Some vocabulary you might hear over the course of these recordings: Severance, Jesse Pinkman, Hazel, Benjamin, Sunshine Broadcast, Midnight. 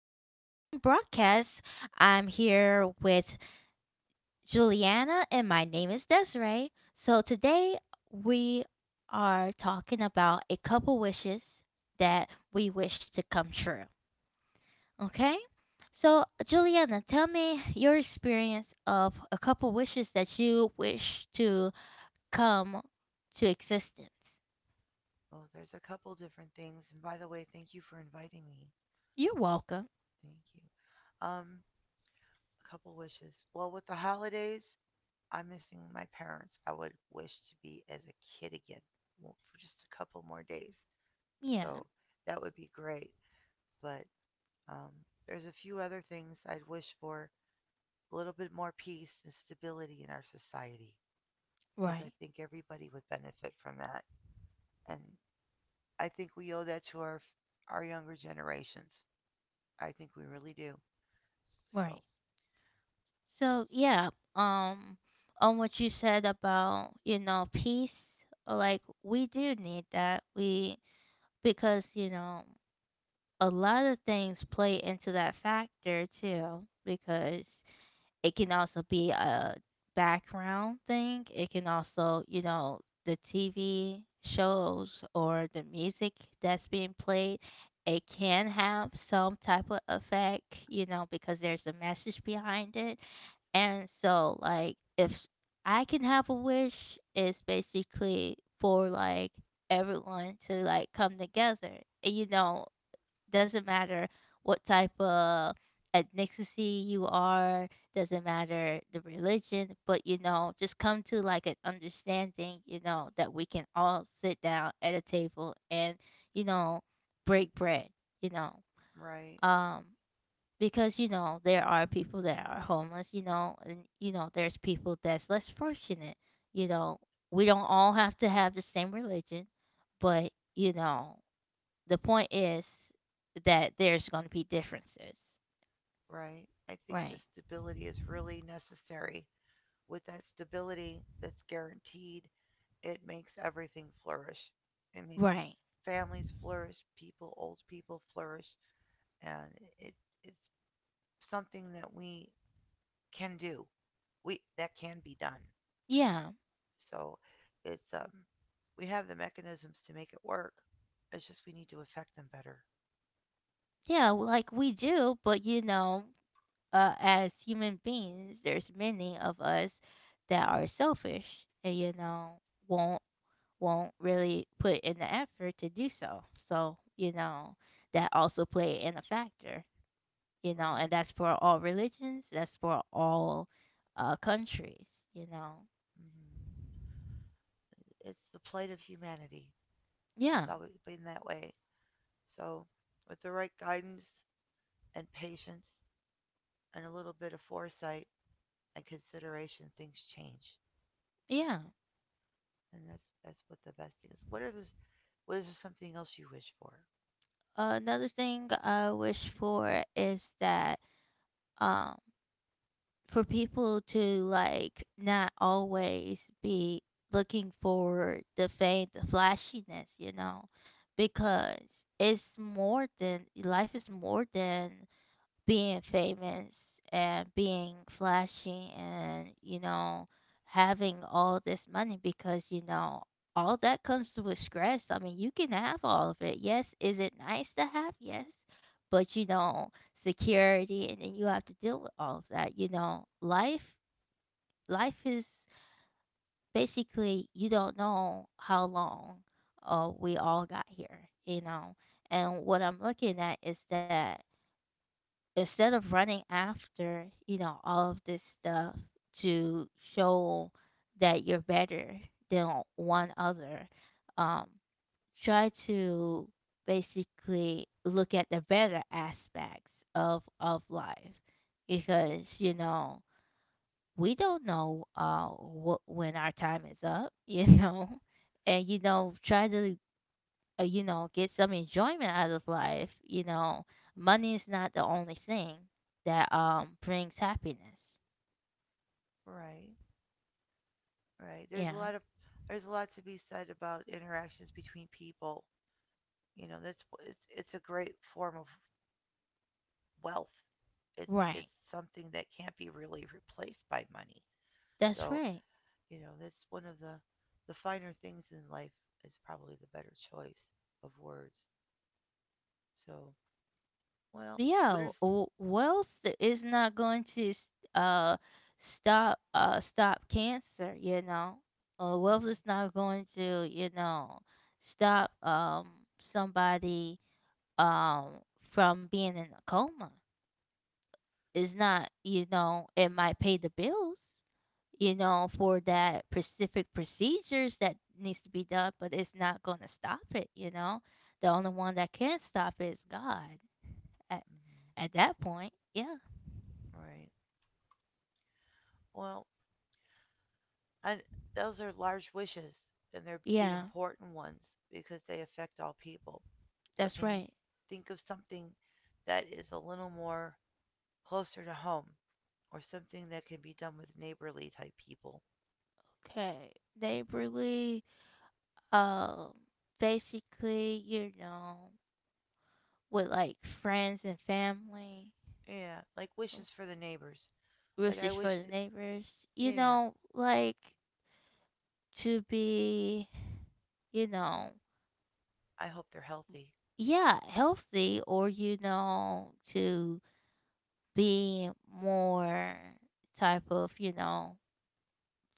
to Sunshine Broadcast. I'm here with Juliana and my name is Desiree. So today we are talking about a couple wishes that we wish to come true. Okay? So, Juliana, tell me your experience of a couple wishes that you wish to come to existence. Oh, there's a couple different things. And by the way, thank you for inviting me. You're welcome. Thank you. A couple wishes. Well, with the holidays, I'm missing my parents. I would wish to be as a kid again well, for just a couple more days. So Yeah, that would be great. But um, there's a few other things I'd wish for a little bit more peace and stability in our society because I right, think everybody would benefit from that. And I think we owe that to our younger generations. I think we really do. So, right. So um, on what you said about you know peace, like we do need that. We because you know a lot of things play into that factor too. Because it can also be a background thing. It can also, you know, the TV shows or the music that's being played, it can have some type of effect, you know, because there's a message behind it. And so, like, if s- I can have a wish, it's basically for like everyone to like come together. And, you know, doesn't matter what type of ethnicity you are, doesn't matter the religion, but you know, just come to like an understanding, you know, that we can all sit down at a table and, you know, break bread, you know. right, Um because you know there are people that are homeless, you know, and you know there's people that's less fortunate. You know, we don't all have to have the same religion, but you know the point is that there's going to be differences. right. I think the Right. stability is really necessary. With that stability that's guaranteed, it makes everything flourish. It makes Right. families flourish, people, old people flourish, and it, it's something that we can do. We that can be done. Yeah. So, it's we have the mechanisms to make it work. It's just we need to affect them better, Yeah, well, like we do, but you know, as human beings, there's many of us that are selfish and you know, won't won't really put in the effort to do so. So, you know, that also play in a factor, you know, right? and that's for all religions, that's for all countries, you know. Hmm. It's the plight of humanity. It's Yeah. always been that way. So, with the right guidance and patience and a little bit of foresight and consideration, things change. Yeah. And that's what the best thing is. What are this? What is there something else you wish for? Another thing I wish for is that um for people to like not always be looking for the fame, the flashiness, you know, because it's more than life is more than being famous and being flashy and you know having all this money because you know all that comes with stress. I mean, you can have all of it. Yes, is it nice to have? Yes, but you know security and then you have to deal with all of that. You know, life is basically you don't know how long we all got here, you know. And what I'm looking at is that instead of running after you know all of this stuff to show that you're better than one other, um try to basically look at the better aspects of life because you know we don't know what when our time is up you know. And you know try to you know, get some enjoyment out of life. You know, money is not the only thing that brings happiness. Right, right. There's Yeah, a lot of there's a lot to be said about interactions between people. You know, that's it's a great form of wealth. It's right. it's something that can't be really replaced by money. That's So right. you know, that's one of the finer things in life is probably the better choice of words. So, well, what yeah, is w- wealth is not going to uh stop cancer. You know, wealth mm-hmm, is not going to you know stop somebody um from being in a coma. It's not. You know, it might pay the bills, you know, for that specific procedures that needs to be done, but it's not going to stop it, you know. The only one that can stop it is God, at, mm-hmm, at that point. Yeah. right? Well, I, those are large wishes, and they're the Yeah, important ones because they affect all people. But that's can you right. think of something that is a little more closer to home, or something that can be done with neighborly type people? Okay. Neighborly, um, basically, you know, with like friends and family, Yeah, like uh, wishes for the neighbors. Like I roosters for wish, the that, neighbors, you yeah, know, like to be, you know, I hope they're healthy. yeah, healthy or you know to be more type of, you know,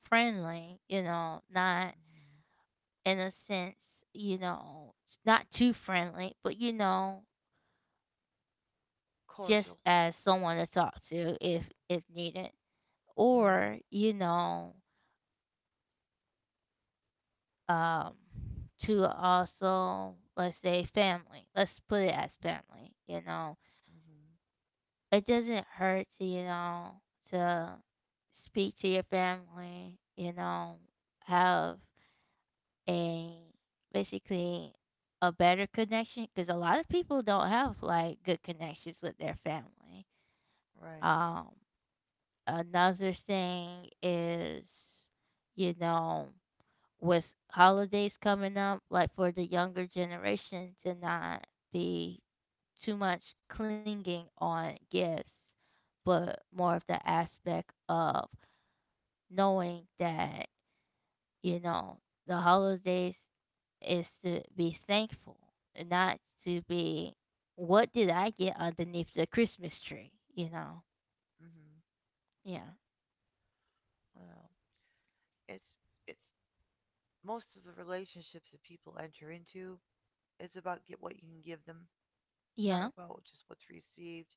friendly, you know, not Hmm. in a sense, you know, not too friendly, but you know, just Cordial. as someone to talk to if needed. Yeah. Or, you know, um to also let's say family. Let's put it as family, you know Hmm. it doesn't hurt to, you know, to speak to your family, you know, have a basically a better connection because a lot of people don't have like good connections with their family. Right. Um, another thing is, you know, with holidays coming up, like for the younger generation to not be too much clinging on gifts but more of the aspect of knowing that, you know, the holidays is to be thankful and not to be what did I get underneath the Christmas tree, you know? Hmm. Yeah. Well, it's it's most of the relationships that people enter into is about get what you can give them, not Yeah. about just what's received.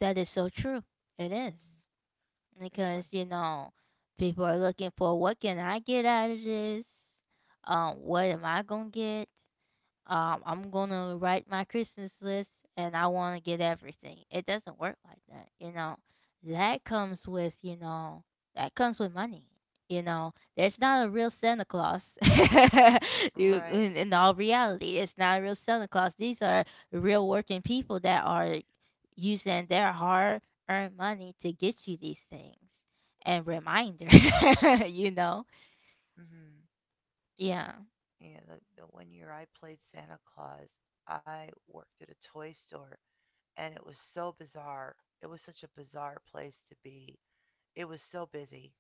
That is so true. It is. Hmm. It's what Because, you know, people are looking for what can I get out of this? What am I gonna get? I'm gonna write my Christmas list and I want to get everything. It doesn't work like that, you know. That comes with, you know, that comes with money. You know, there's not a real Santa Claus. Right. In all reality, it's not a real Santa Claus. These are real working people that are using their hard-earned money to get you these things and reminder. you know, Hmm. yeah, Yeah. The one year I played Santa Claus, I worked at a toy store, and it was so bizarre. It was such a bizarre place to be. It was so busy,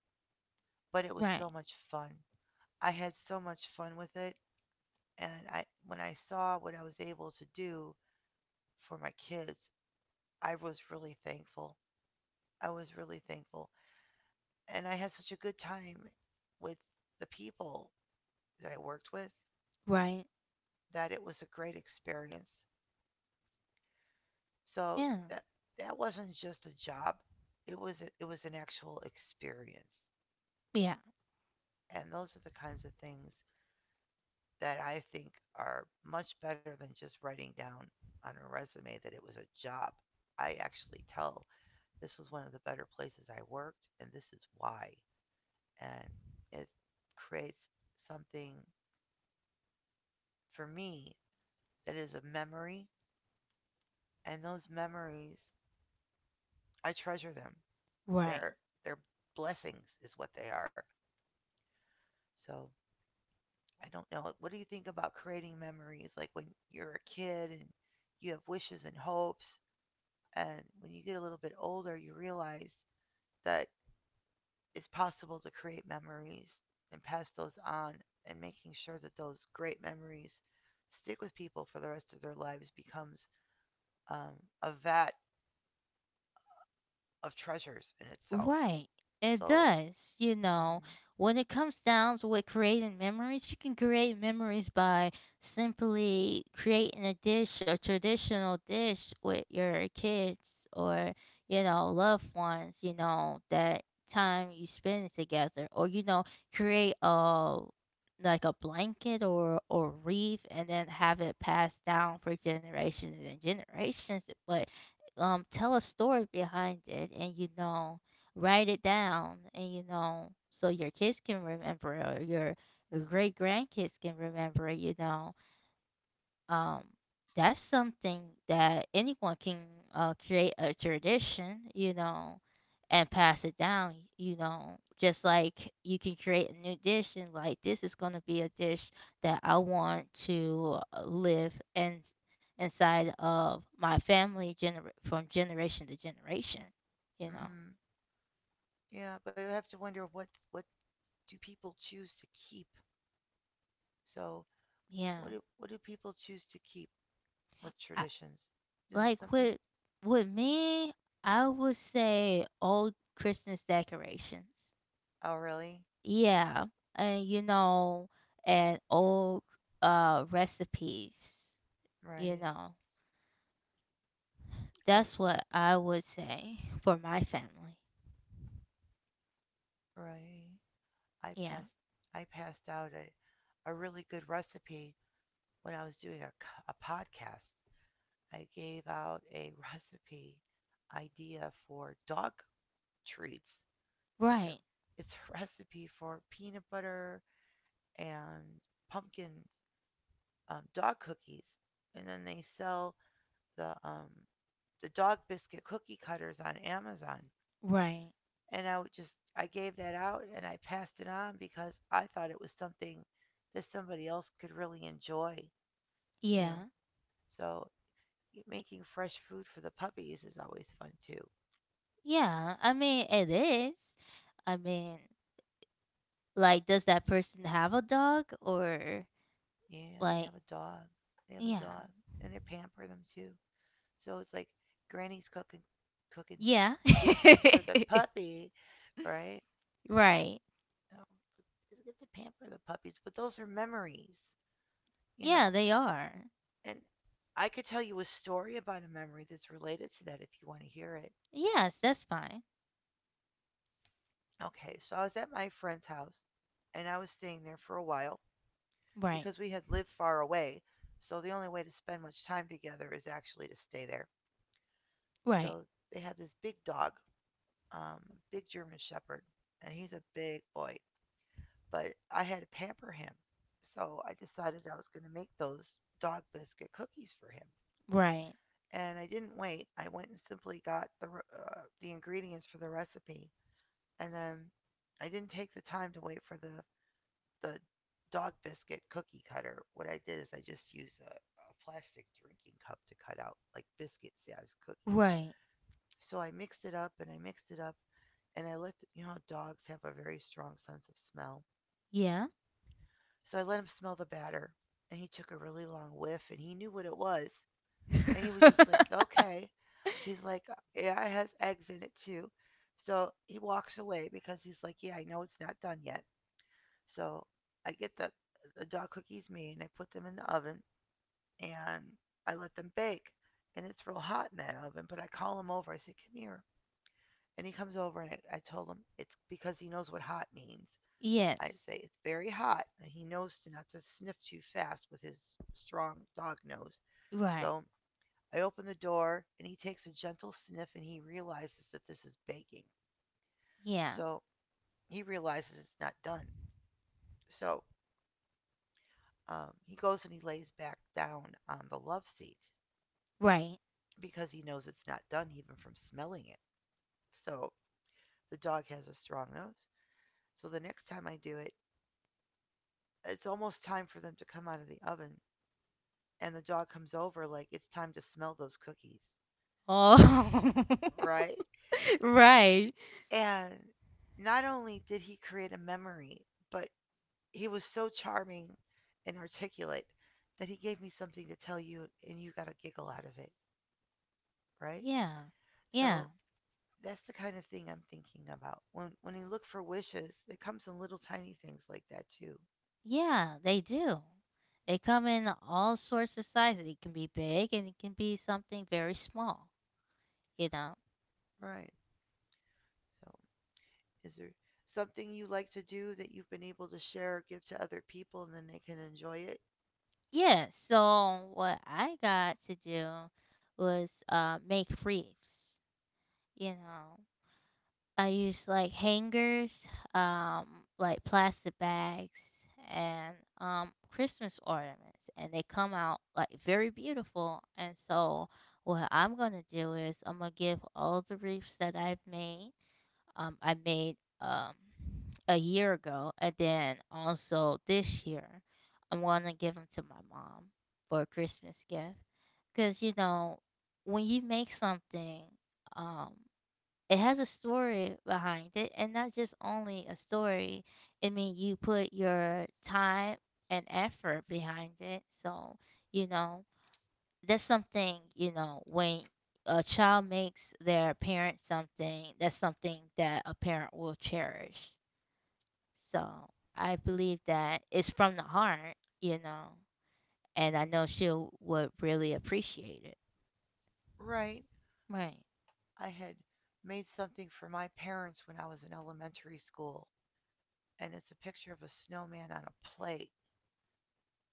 but it was right, so much fun. I had so much fun with it. And when I saw what I was able to do for my kids, I was really thankful. I was really thankful. And I had such a good time with the people that I worked with, right, that it was a great experience. So yeah, that that wasn't just a job. It was it was an actual experience. yeah, And those are the kinds of things that I think are much better than just writing down on a resume that it was a job. I actually tell this was one of the better places I worked, and this is why. And it creates something for me that is a memory, and those memories, I treasure them. right. They're, they're blessings, is what they are. So I don't know. What do you think about creating memories? Like when you're a kid and you have wishes and hopes, and when you get a little bit older, you realize that it's possible to create memories and pass those on and making sure that those great memories stick with people for the rest of their lives becomes a vat of treasures in itself. Right. It So, does. You know, hmm, when it comes down to with creating memories, you can create memories by simply creating a dish, a traditional dish with your kids or, you know, loved ones, you know, that time you spend together. Or, you know, create a like a blanket or wreath and then have it passed down for generations and generations. But tell a story behind it and you know write it down and you know so your kids can remember it or your great grandkids can remember it, you know. um that's something that anyone can create a tradition you know and pass it down, you know, just like you can create a new dish and like this is going to be a dish that I want to live and inside of my family from generation to generation, you know. hmm, yeah, but I have to wonder what do people choose to keep? So, Yeah. What do people choose to keep with traditions? Is it Like something? With me, I would say old Christmas decorations. Oh, really? Yeah, and you know, and old recipes. You Right. know, I was that's what I would say for my family. right. I Yeah. passed I passed out a really good recipe when I was doing a podcast, I gave out a recipe idea for dog treats. It's a Right. it's a recipe for peanut butter and pumpkin dog cookies, and then they sell the um, the dog biscuit cookie cutters on Amazon. Right. And I would just I gave that out and I passed it on because I thought it was something that somebody else could really enjoy, you know. Yeah. So making fresh food for the puppies is always fun too. Yeah. I mean, it is. I mean, like, does that person have a dog or Yeah, they like? have a dog. They have a Yeah. dog, and they pamper them too. So it's like Granny's cooking Yeah. biscuits for the puppy, right? right. Um, it's good to pamper the puppies, but those are memories, you know. Yeah, they are. And I could tell you a story about a memory that's related to that if you want to hear it. Yes, that's fine. Okay, so I was at my friend's house, and I was staying there for a while, Right. because we had lived far away. So the only way to spend much time together is actually to stay there. Right. So they have this big dog, um, big German Shepherd, and he's a big boy. But I had to pamper him. So I decided I was going to make those dog biscuit cookies for him. Right. And I didn't wait. I went and simply got the ingredients for the recipe. And then I didn't take the time to wait for the dog biscuit cookie cutter, what I did is I just used a plastic drinking cup to cut out like biscuit size cookies. Right. So I mixed it up and I let the, you know dogs have a very strong sense of smell. Yeah. So I let him smell the batter and he took a really long whiff and he knew what it was and he was just like, "Okay." He's like, "Yeah, it has eggs in it too." So he walks away because he's like, "Yeah, I know it's not done yet." So I get the dog cookies made and I put them in the oven and I let them bake. And it's real hot in that oven, but I call him over. I say, come here. And he comes over, and I told him it's because he knows what hot means. I yes. say, it's very hot, and he knows to not to sniff too fast with his strong dog nose. Right. So I open the door, and he takes a gentle sniff, and he realizes that this is baking. Yeah. So he realizes it's not done. So he goes and he lays back down on the love seat Right. because he knows it's not done even from smelling it. So the dog has a strong nose. So the next time I do it, it's almost time for them to come out of the oven. And the dog comes over like it's time to smell those cookies. Oh. Right? right. And not only did he create a memory, but he was so charming and articulate that he gave me something to tell you and you got a giggle out of it, right? Yeah. Yeah. So that's the kind of thing I'm thinking about. When you look for wishes, it comes in little tiny things like that too. Yeah, they do. They come in all sorts of sizes. It can be big and it can be something very small, you know. Right. So is there something you like to do that you've been able to share or give to other people and then they can enjoy it? Yeah, so what I got to do was make reefs, you know. I use like hangers, um, like plastic bags, and Christmas ornaments, and they come out like very beautiful. And so, what I'm gonna do is I'm gonna give all the wreaths that I've made. I made a year ago, and then also this year, I'm gonna give them to my mom for a Christmas gift, because you know when you make something. Um, it has a story behind it and not just only a story. I mean, you put your time and effort behind it, so you know that's something. You know, when a child makes their parent something, that's something that a parent will cherish. So I believe that it's from the heart, you know, and I know she would really appreciate it, Right. right, I had made something for my parents when I was in elementary school, and it's a picture of a snowman on a plate,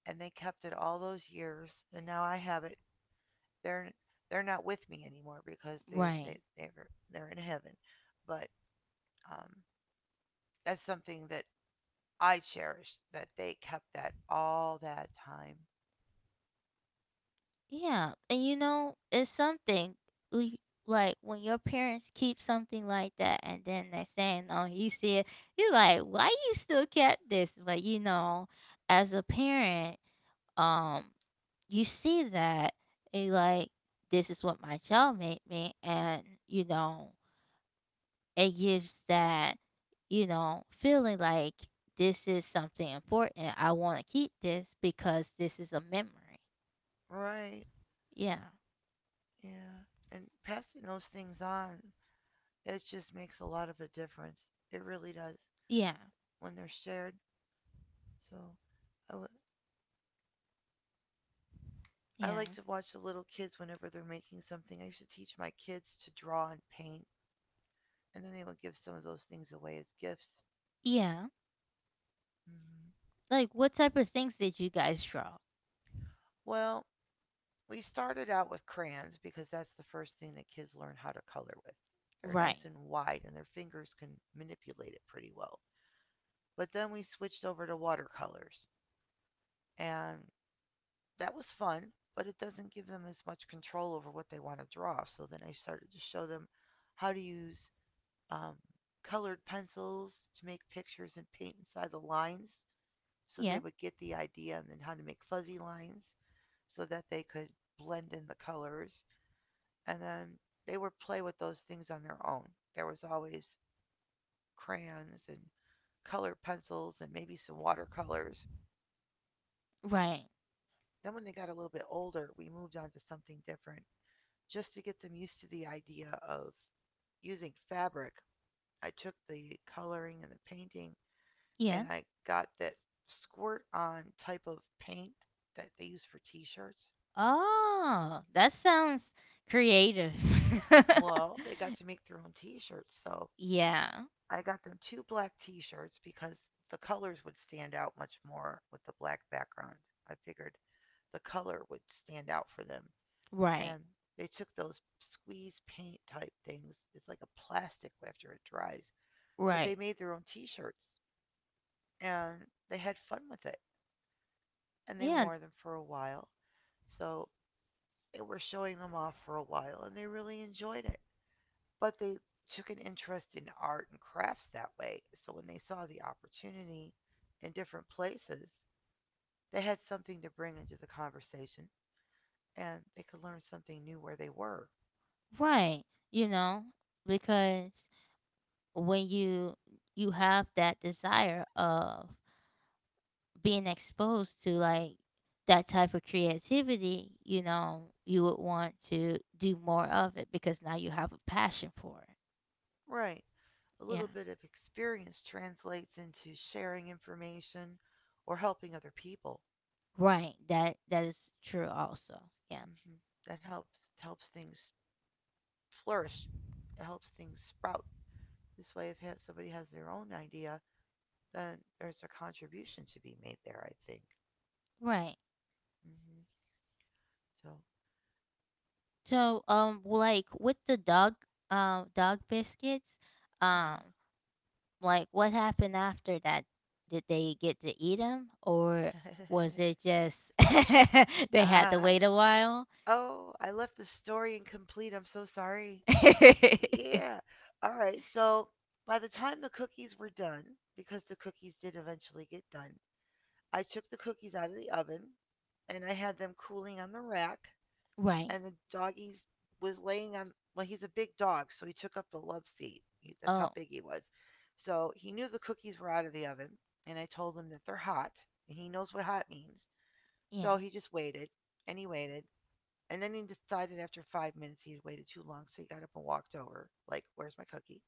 and they kept it all those years, and now I have it. They're they're not with me anymore because they right. they're they're in heaven, but um, that's something that I cherish that they kept that all that time. Yeah, and you know, it's something we- like when your parents keep something like that, and then they're saying, "Oh, you see it," you're like, "Why you still kept this?" But you know, as a parent, um, you see that and you're like, "This is what my child made me," and you know, it gives that you know feeling like this is something important. I want to keep this because this is a memory. Right. Yeah, Yeah. And passing those things on, it just makes a lot of a difference. It really does yeah, when they're shared. So I, w- I like yeah. to watch the little kids whenever they're making something. I used to teach my kids to draw and paint, and then they would give some of those things away as gifts. Yeah. Hmm. Like what type of things did you guys draw? Well, we started out with crayons because that's the first thing that kids learn how to color with. They're Right. nice and wide, and their fingers can manipulate it pretty well. But then we switched over to watercolors. And that was fun, but it doesn't give them as much control over what they want to draw. So then I started to show them how to use um, colored pencils to make pictures and paint inside the lines so they Yeah. would get the idea and then how to make fuzzy lines so that they could blend in the colors. And then they would play with those things on their own. There was always crayons and colored pencils and maybe some watercolors. Right. Then when they got a little bit older, we moved on to something different just to get them used to the idea of using fabric, I took the coloring and the painting and Yeah. I got that squirt on type of paint that they use for t shirts. Oh, that sounds creative. Well, they got to make their own t shirts. So yeah. I got them two black t shirts because the colors would stand out much more with the black background. I figured the color would stand out for them. Right. And they took those squeeze paint type things. It's like a plastic after it dries. But Right. they made their own t shirts and they had fun with it and they Yeah. wore them for a while. So they were showing them off for a while and they really enjoyed it. But they took an interest in art and crafts that way. So when they saw the opportunity in different places, they had something to bring into the conversation and they could learn something new where they were. Right. You know, because when you have that desire of being exposed to like that type of creativity, you know, you would want to do more of it because now you have a passion for it. Right. A Yeah. little bit of experience translates into sharing information or helping other people. Right. That that is true also. Yeah. Hmm. That helps, it helps things flourish. It helps things sprout. This way, if somebody has their own idea, then there's a contribution to be made there, I think. Right. Hmm. So. So like with the dog dog biscuits, Uh-huh. um like what happened after that? Did they get to eat them or was it just they had to Uh-huh. wait a while? Oh, I left the story incomplete. I'm so sorry. Yeah. All right. So by the time the cookies were done, because the cookies did eventually get done, I took the cookies out of the oven and I had them cooling on the rack. right. And the doggy was laying on. Well, he's a big dog, so he took up the love seat. He, that's how Oh, big he was. So he knew the cookies were out of the oven, and I told him that they're hot, and he knows what hot means. yeah. So he just waited, and he waited, and then he decided after 5 minutes he had waited too long, so he got up and walked over, like, "Where's my cookie?"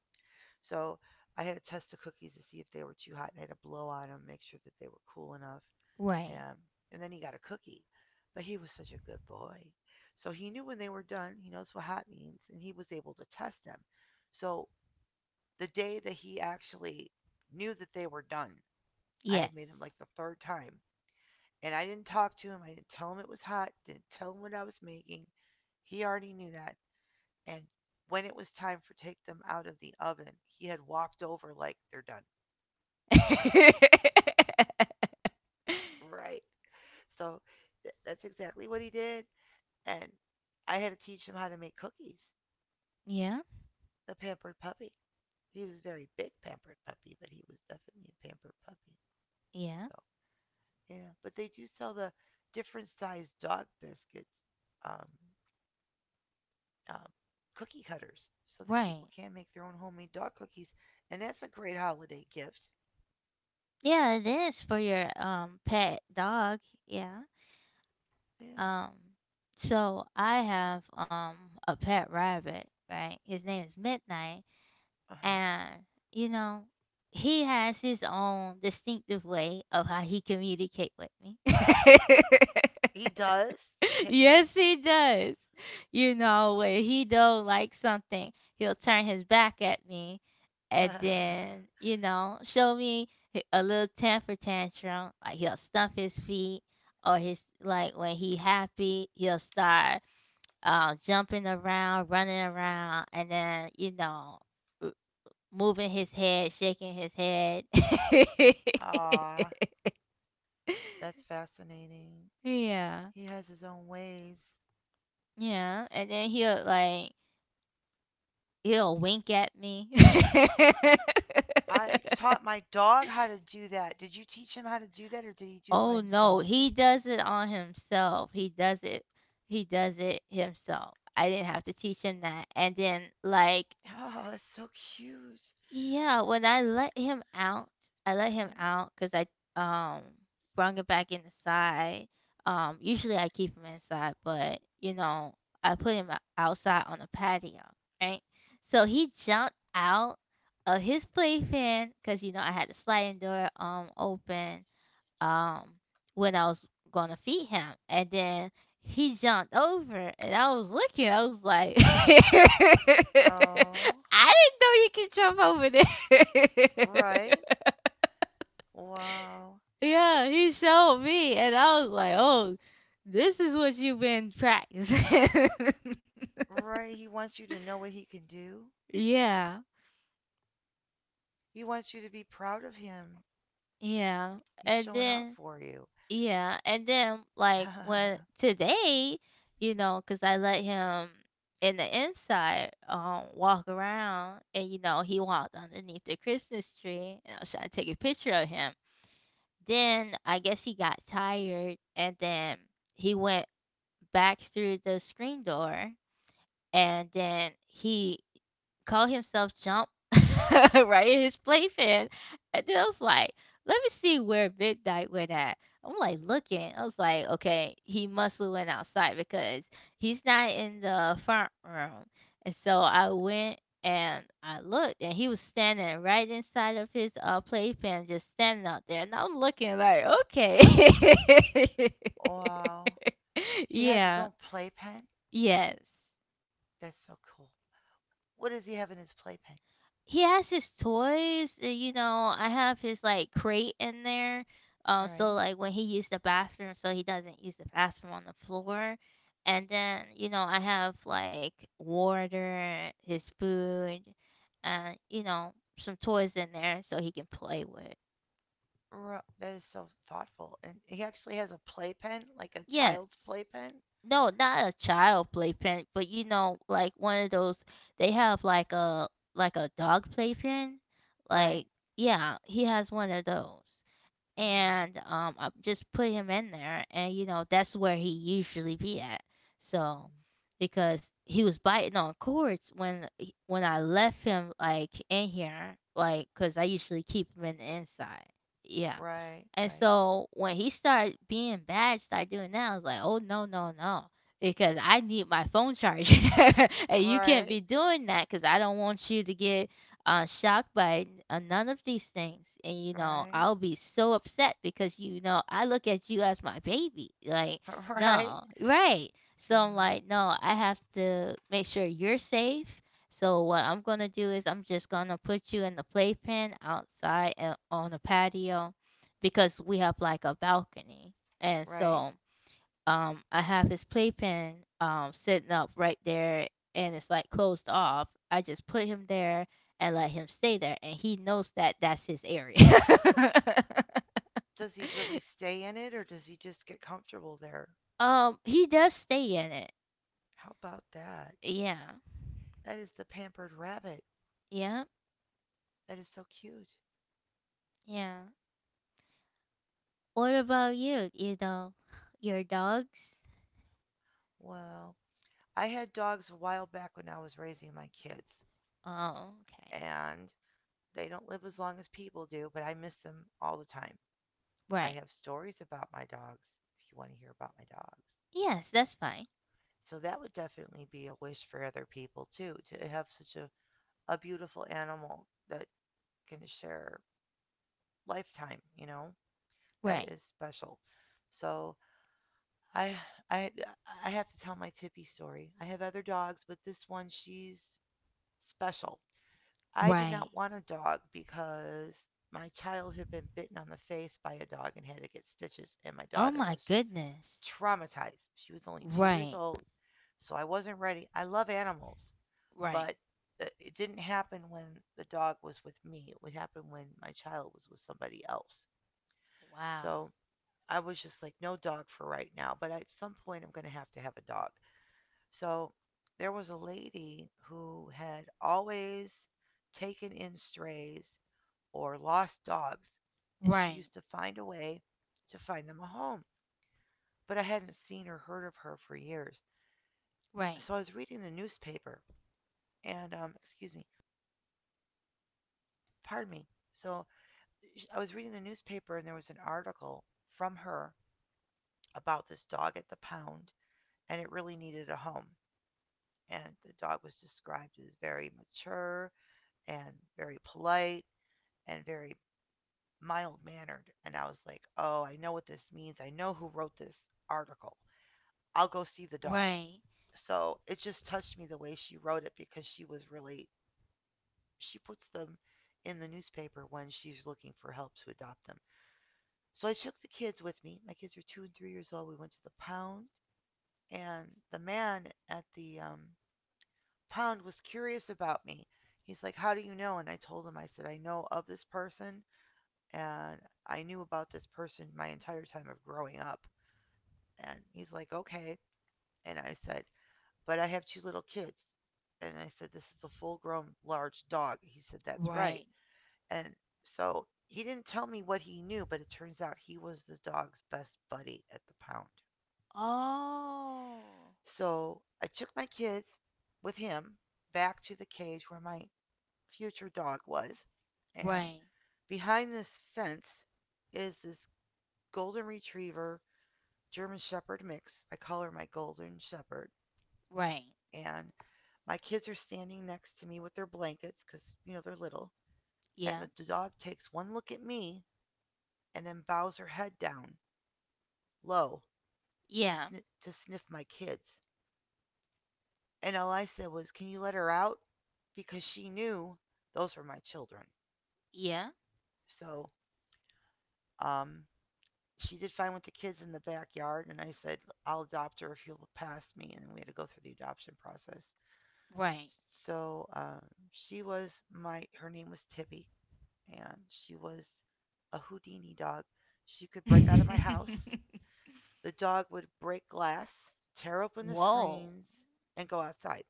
So I had to test the cookies to see if they were too hot, and I had to blow on them, make sure that they were cool enough. Right. Um, and then he got a cookie. But he was such a good boy. So he knew when they were done, he knows what hot means, and he was able to test them. So the day that he actually knew that they were done, I had made him Yes. like the third time. And I didn't talk to him. I didn't tell him it was hot. Didn't tell him what I was making. He already knew that. And when it was time for take them out of the oven, he had walked over like they're done. Right. So that's exactly what he did. And I had to teach him how to make cookies. yeah. The pampered puppy. He was a very big pampered puppy, but he was definitely a pampered puppy. Yeah. So yeah, but they do sell the different sized dog biscuits, um, um, cookie cutters, so that people Right. can make their own homemade dog cookies, and that's a great holiday gift. Yeah, it is for your pet dog. Yeah. Yeah. Um, so I have a pet rabbit, right? His name is Midnight, Uh huh. and you know, he has his own distinctive way of how he communicate with me. He does the cat. yes, he does. You know, when he don't like something, he'll turn his back at me and then, you know, show me a little temper tantrum. Like he'll stomp his feet or his like when he happy, he'll start jumping around, running around and then, you know, r- moving his head, shaking his head. Aw, that's fascinating. yeah. He has his own ways. Yeah, and then he'll He'll wink at me. I taught my dog how to do that. Did you teach him how to do that or did he do it by Oh no, himself? he does it on himself. He does it. He does it himself. I didn't have to teach him that. And then like, Oh, that's so cute. yeah, when I let him Yeah. out because I um brung him back inside. Usually I keep him inside, but I put him outside on the patio, right? So he jumped out of his playpen because I had the sliding door open, um when I was gonna feed him, and then he jumped over, and I was looking. I was like, I Oh, didn't know you could jump over there. right. Wow. Yeah, he showed me, and I was like, oh, this is what you've been practicing. Right. He wants you to know what he can do. Yeah, He wants you to be proud of him. yeah, He's and showing off then, for you. yeah, and then like when today, cause I let him in the inside, walk around, and he walked underneath the Christmas tree, and I was trying to take a picture of him. Then I guess he got tired, and then he went back through the screen door, and then he call himself Jump, right, in his playpen. And then I was like, let me see where Midnight went at. I'm like looking. I was like, okay, he must have went outside because he's not in the front room. And so I went and I looked and he was standing right inside of his playpen, just standing out there. And I'm looking like, okay. Wow. He has his own Yeah. playpen. Yes. That's so cool. What does he have in his playpen? He has his toys. You know, I have his like crate in there. So Right. like when he used the bathroom, so he doesn't use the bathroom on the floor. And then I have like water, his food, and some toys in there so he can play with. Right. That is so thoughtful. And he actually has a playpen, like a child's Yes. playpen. No, not a child playpen, but you know, like one of those they have like a dog playpen. Right. Like, yeah, he has one of those. Mm, And I just put him in there and that's where he usually be at so mm. because he was biting on cords when when I left him like in here like cuz I usually keep him in the inside, yeah, Right, and right, so when he started being bad started doing that I was like, oh no, no, no, because I need my phone charger and you can't right, be doing that cuz I don't want you to get shocked by none of these things. And, right, I'll be so upset because, I look at you as my baby. Like, right, no, right. So I'm hmm, like, no, I have to make sure you're safe. So what I'm going to do is I'm just going to put you in the playpen outside on the patio because we have like a balcony. And right. so I have his playpen sitting up right there and it's like closed off. I just put him there and let him stay there and he knows that that's his area. Does he really stay in it or does he just get comfortable there? He does stay in it. How about that? Yeah. That is the pampered rabbit. Yeah. That is so cute. Yeah. What about you, your dogs? Well, I had dogs a while back when I was raising my kids, Oh, okay. and they don't live as long as people do, but I miss them all the time. I Right. have stories about my dogs if you want to hear about my dogs. Yes, that's fine. So that would definitely be a wish for other people too, to have such a beautiful animal that can share lifetime, you know? Right. That is special. So I I I have to tell my Tippy story. I have other dogs, but this one she's special. I did Right. not want a dog because my child had been bitten on the face by a dog and had to get stitches and my Oh daughter my was goodness. traumatized. She was only 2 years Right. old, so I wasn't ready. I love animals. Right. But it didn't happen when the dog was with me. It would happen when my child was with somebody else. Wow. So I was just like, no dog for right now, but at some point I'm going to have a dog. So there was a lady who had always taken in strays or lost dogs, and she Right. used to find a way to find them a home. But I hadn't seen or heard of her for years. Right. So I was reading the newspaper, and, excuse me, pardon me. So I was reading the newspaper and there was an article from her about this dog at the pound, and it really needed a home. And the dog was described as very mature and very polite and very mild mannered. And I was like, oh, I know what this means. I know who wrote this article. I'll go see the dog. Right. So it just touched me the way she wrote it because she was really, she puts them in the newspaper when she's looking for help to adopt them. So I took the kids with me. My kids were 2 and 3 years old. We went to the pound, and the man at the pound was curious about me. He's like, how do you know? And I told him, I said, I know of this person, and I knew about this person my entire time of growing up. And he's like, okay. And I said, but I have two little kids. And I said, this is a full grown large dog. He said, that's right. Right. And so he didn't tell me what he knew, but it turns out he was the dog's best buddy at the pound. Oh. So I took my kids with him back to the cage where my future dog was. And Right. behind this fence is this golden retriever German Shepherd mix. I call her my golden shepherd. Right. And my kids are standing next to me with their blankets because, you know, they're little. And Yeah. the dog takes one look at me and then bows her head down low to, Yeah. To sniff my kids. And all I said was, "Can you let her out?" Because she knew those were my children. Yeah. So, um, she did fine with the kids in the backyard, and I said, "I'll adopt her if you'll pass me." And we had to go through the adoption process. Right. So, she was my. Her name was Tippy, and she was a Houdini dog. She could break out of my house. The dog would break glass, tear open the Whoa. screens, and go outside.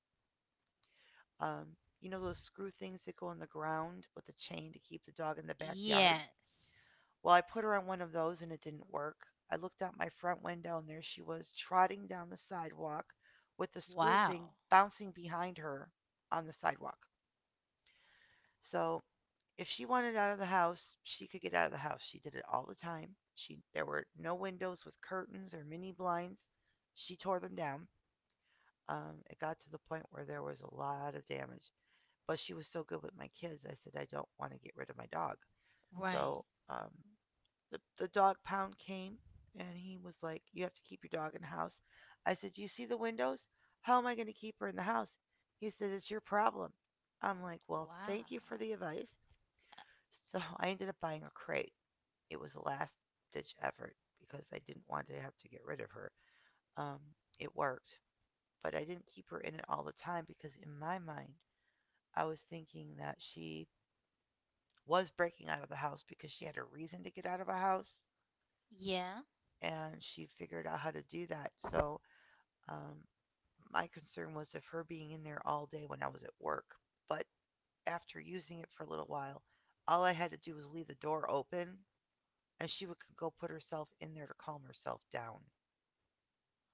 Um, you know those screw things that go in the ground with a chain to keep the dog in the backyard? Yes. Well, I put her on one of those and it didn't work. I looked out my front window and there she was trotting down the sidewalk with the screw Wow. thing bouncing behind her on the sidewalk. So if she wanted out of the house, she could get out of the house. She did it all the time. She there were no windows with curtains or mini blinds. She tore them down. It got to the point where there was a lot of damage. But she was so good with my kids. I said, I don't want to get rid of my dog. Right. So um, the dog pound came and he was like, you have to keep your dog in the house. I said, you see the windows? How am I going to keep her in the house? He said, it's your problem. I'm like, well, Wow. thank you for the advice. So I ended up buying a crate. It was a last ditch effort because I didn't want to have to get rid of her. Um, it worked, but I didn't keep her in it all the time because in my mind, I was thinking that she was breaking out of the house because she had a reason to get out of a house Yeah. and she figured out how to do that. So um, my concern was of her being in there all day when I was at work. But after using it for a little while, all I had to do was leave the door open and she would go put herself in there to calm herself down.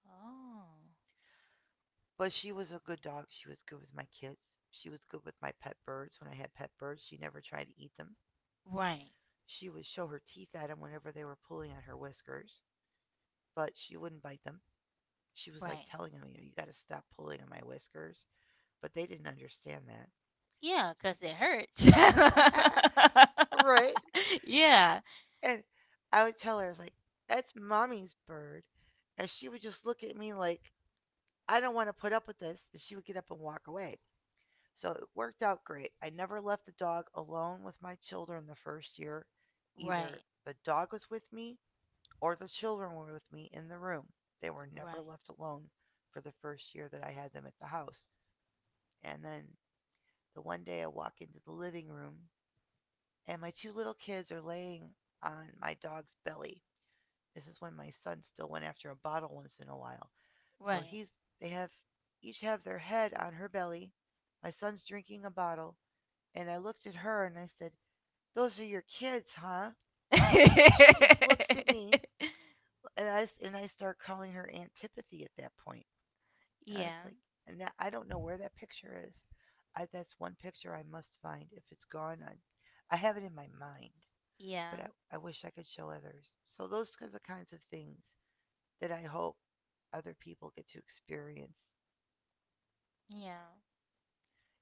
Oh. But she was a good dog. She was good with my kids. She was good with my pet birds. When I had pet birds, she never tried to eat them. Right. She would show her teeth at them whenever they were pulling on her whiskers, but she wouldn't bite them. She was like Right. telling them, you got to stop pulling on my whiskers. But they didn't understand that. Yeah, 'cause it hurts. So, right. yeah. And I would tell her, I was like, that's mommy's bird. And she would just look at me like, I don't want to put up with this. And she would get up and walk away. So it worked out great. I never left the dog alone with my children the first year. Either Right. the dog was with me or the children were with me in the room. They were never Right. left alone for the first year that I had them at the house. And then But one day I walk into the living room, and my two little kids are laying on my dog's belly. This is when my son still went after a bottle once in a while. So Right. he's they have each have their head on her belly. My son's drinking a bottle, and I looked at her and I said, "Those are your kids, huh?" She just looks at me, and I start calling her Antipathy at that point. I was yeah. like, I don't know where that picture is. That's one picture I must find. If it's gone, I have it in my mind, but Yeah, I, I wish I could show others. So those are the kinds of things that I hope other people get to experience. yeah,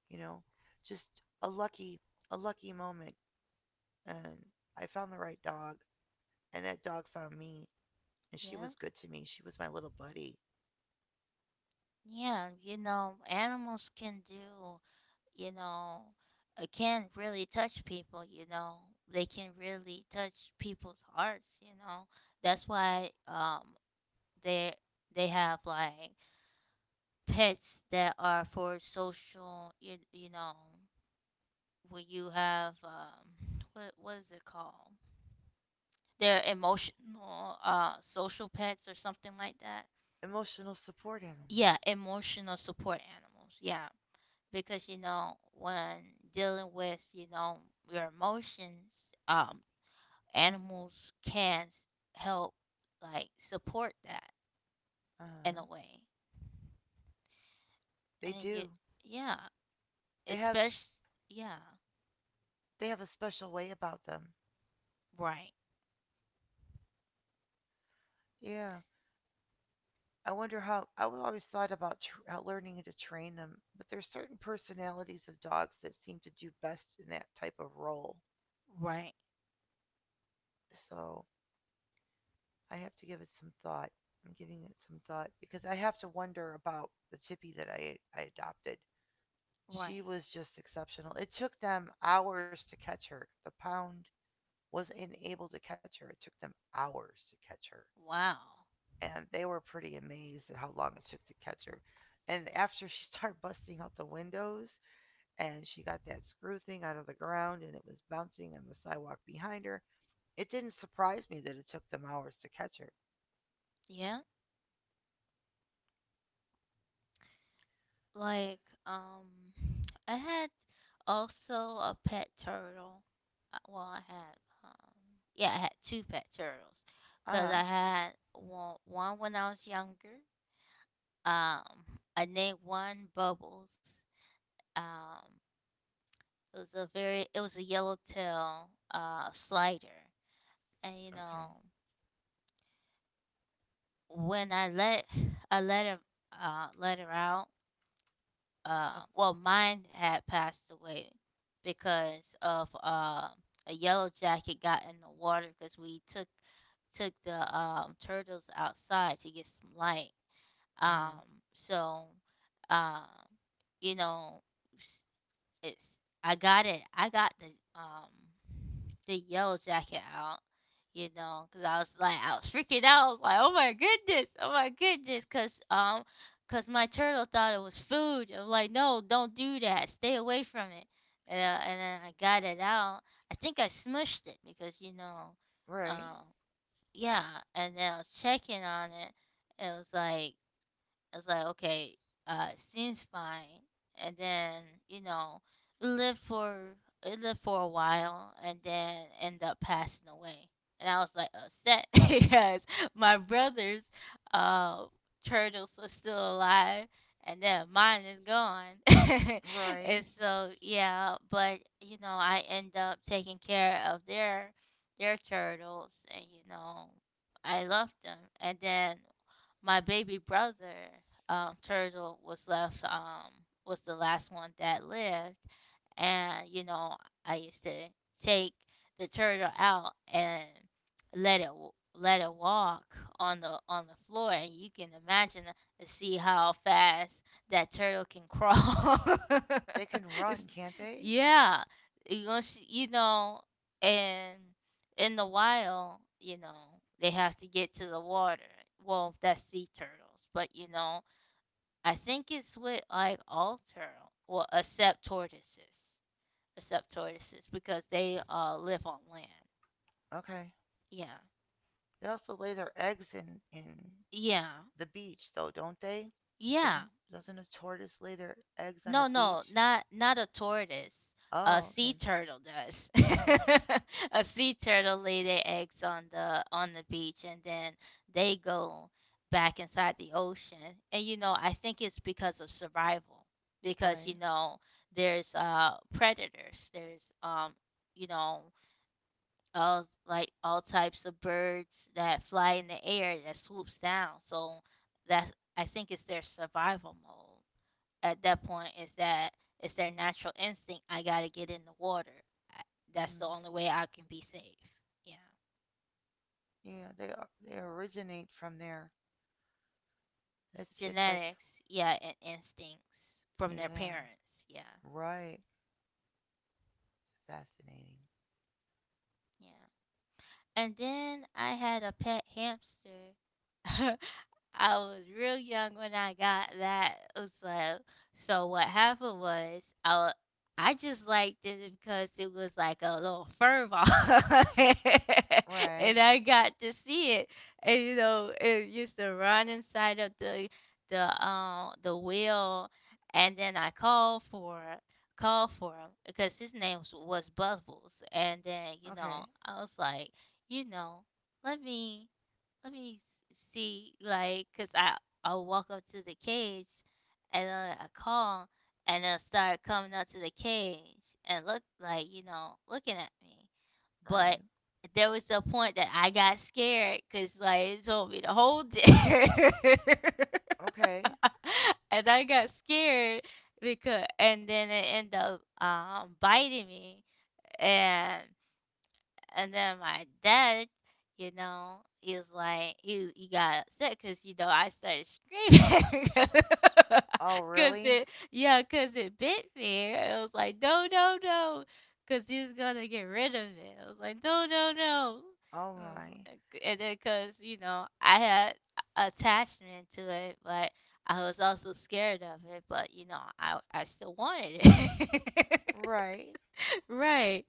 You know, just a lucky, a lucky moment. And I found the right dog, and that dog found me, and she yeah, was good to me. She was my little buddy. yeah. Animals can do, you know, can really touch people. They can really touch people's hearts. That's why they they have like pets that are for social, when you have what is it called? They're emotional social pets or something like that. Emotional support animals. Yeah, emotional support animals, yeah, because when dealing with your emotions, animals can help like support that in Uh, a way. they And you, do. yeah, They have especially, yeah, they have a special way about them. right, Yeah. I wonder how always thought about how learning to train them, but there's certain personalities of dogs that seem to do best in that type of role. right, So I have to give it some thought. I'm giving it some thought because I have to wonder about the Chippy that I adopted. right, She was just exceptional. It took them hours to catch her. The pound was unable to catch her. It took them hours to catch her. wow, And they were pretty amazed at how long it took to catch her. And after she started busting out the windows and she got that screw thing out of the ground and it was bouncing on the sidewalk behind her, it didn't surprise me that it took them hours to catch her. yeah, like um I had also a pet turtle. Well, I had yeah, I had two pet turtles Uh because huh. I had one when I was younger. Um, I named one Bubbles. Um, it was a very it was a yellowtail slider, and you Okay. know when I let her out. Uh Well, mine had passed away because of a yellow jacket got in the water because we took the turtles outside to get some light. huh. So, um, you know, It's I got it. I got the yellow jacket out, because I was like I was freaking out. I was like, oh my goodness, cause my turtle thought it was food. I'm like, no, don't do that. Stay away from it. And then I got it out. I think I smushed it because Right. um, yeah. And then I was checking on it. It was like it's like, okay, seems fine. And then, it lived for it lived for a while and then ended up passing away. And I was like upset because my brother's uh turtles are still alive and then mine is gone. Right. And so yeah, but I end up taking care of their turtles and I loved them. And then my baby brother turtle was left was the last one that lived, and I used to take the turtle out and let it let it walk on the floor, and you can imagine to see how fast that turtle can crawl. They can run, It's- can't they? yeah, you gonna and in the wild, they have to get to the water. Well, that's sea turtles, but I think it's with like all turtle, well, except tortoises because they live on land. Okay. Yeah, They also lay their eggs in yeah, the beach though, don't they? yeah. Doesn't doesn't a tortoise lay their eggs on a No, no, beach? not a tortoise. A Oh, sea okay. turtle does. Mhm. A sea turtle lay their eggs on the beach, and then they go back inside the ocean. And I think it's because of survival, because Right. There's predators. There's you know all types of birds that fly in the air that swoops down. So that's I think it's their survival mode. At that point, is that it's their natural instinct. I gotta get in the water. I, that's the Hmm. only way I can be safe. Yeah, Yeah, they originate from there. It's like, genetics. Yeah, and instincts from their yeah, parents. Yeah, right. Fascinating. yeah. And then I had a pet hamster. I was real young when I got that. So, what happened was I just liked it because it was like a little fur ball, Right. and I got to see it. And it used to run inside of the wheel, and then I called for him because his name was Bubbles, and then Okay. I was like, you know, let me let me see like cuz I'll walk up to the cage and then I call and they'll start coming up to the cage and look like, looking at me. But Right. there was the point that I got scared cuz like it told me to hold it. Okay. And I got scared because and then it ended up biting me and and then my dad, he was like, he got upset because, I started screaming. Oh, really? Yeah, because it bit me. It was like, no, no, no. Because he was going to get rid of it. I was like, no, no, no. Oh my. And then because, I had attachment to it, but I was also scared of it. But, I still wanted it. Right. Right.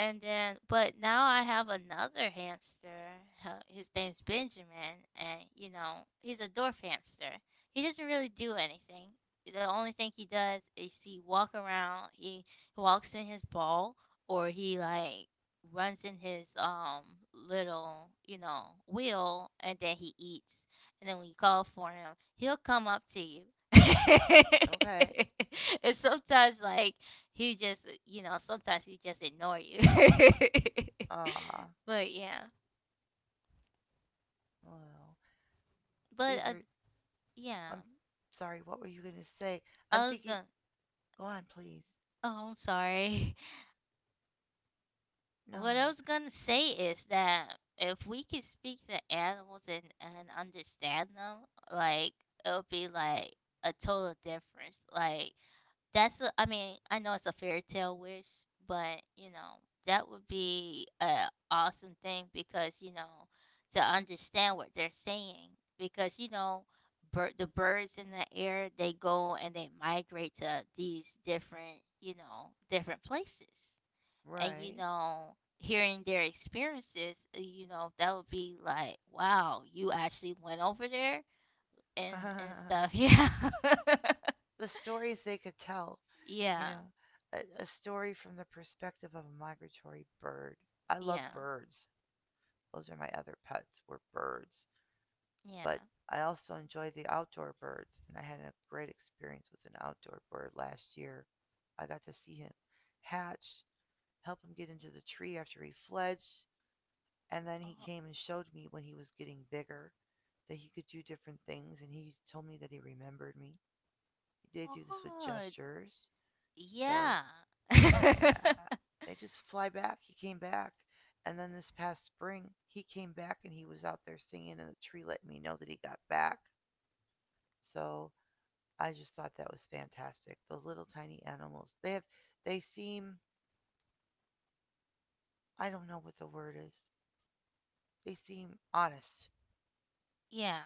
But now I have another hamster. His name's Benjamin, and he's a dwarf hamster. He doesn't really do anything. The only thing he does is he walk around. He walks in his ball, or he like runs in his little wheel, and then he eats. And then when you call for him, he'll come up to you. Okay. And sometimes like he just sometimes he just ignore you Ah. but yeah, Well, but these are. yeah, I'm sorry. What were you gonna say? I'm I was thinking. gonna Go on, please. oh, I'm sorry. What I No. was gonna say is that if we could speak to animals and understand them, like, it'll be like a total difference, like, I mean, I know it's a fairy tale wish, but that would be a awesome thing because, to understand what they're saying because, the birds in the air, they go and they migrate to these different places. And you Right. know, hearing their experiences, you know, that would be like, wow, you actually went over there and stuff. Yeah. The stories they could tell, you Yeah. know, a story from the perspective of a migratory bird. I love Yeah. birds. Those are my other pets, were birds. Yeah. But I also enjoy the outdoor birds, and I had a great experience with an outdoor bird last year. I got to see him hatch, help him get into the tree after he fledged, and then he Oh, came and showed me when he was getting bigger that he could do different things, and he told me that he remembered me. They do this with oh, gestures, so yeah. yeah. They just fly back. He came back. And then this past spring, he came back and he was out there singing, and the tree let me know that he got back. So I just thought that was fantastic. Those little tiny animals. They have, they seem, I don't know what the word is. They seem honest. Yeah.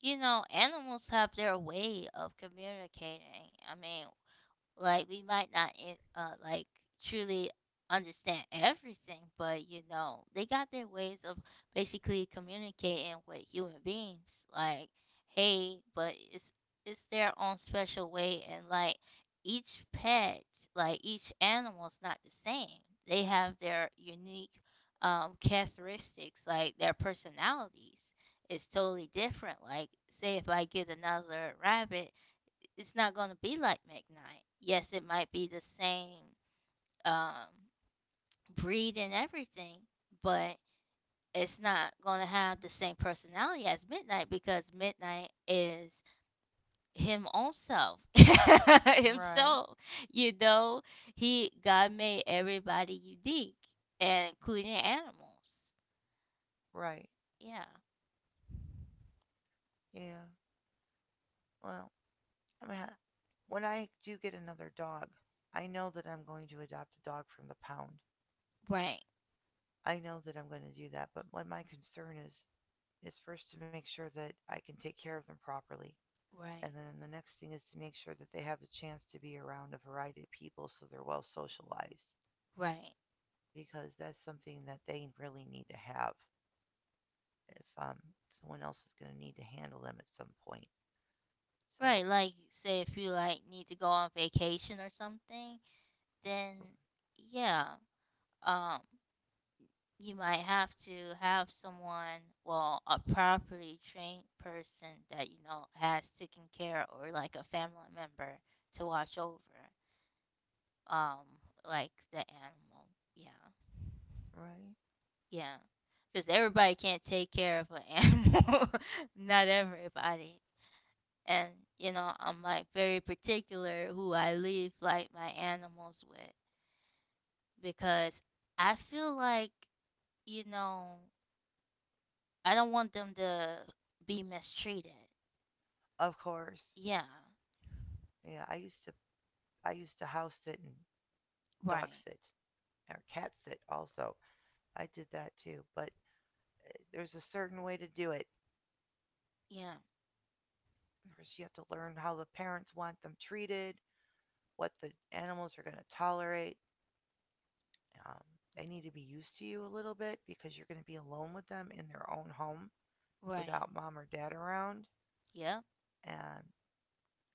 You know, animals have their way of communicating. I mean, like we might not in- like truly understand everything, but you know, they got their ways of basically communicating with human beings. Like, hey, but it's their own special way, and like each pet, like each animal's not the same. They have their unique characteristics, like their personalities is totally different. Like, say if I get another rabbit, it's not going to be like McKnight. Yes, it might be the same, um, breed and everything, but it's not going to have the same personality as Midnight because Midnight is him own self, Right. himself. You know, he God made everybody unique, and including animals. Right. Yeah, Yeah. Well, I'm ha- when I do get another dog, I know that I'm going to adopt a dog from the pound. right, I know that I'm going to do that, but what my concern is first to make sure that I can take care of them properly. And right, then the next thing is to make sure that they have the chance to be around a variety of people so they're well socialized, right, because that's something that they really need to have if someone else is going to need to handle them at some point. So, right. Like, say if you like need to go on vacation or something, then yeah, um you might have to have someone, well, a properly trained person that you know has taken care, or like a family member to watch over, um like the animal, yeah, right? yeah, because everybody can't take care of an animal, not everybody, and you know I'm like very particular who I leave like my animals with, because I feel like, you know, I don't want them to be mistreated. Of course. Yeah, Yeah, I used to house sit and dog right. sit or cat sit also. I did that too, but there's a certain way to do it. Yeah, First, you have to learn how the parents want them treated, what the animals are going to tolerate. Um, they need to be used to you a little bit because you're going to be alone with them in their own home right. without mom or dad around. Yep, And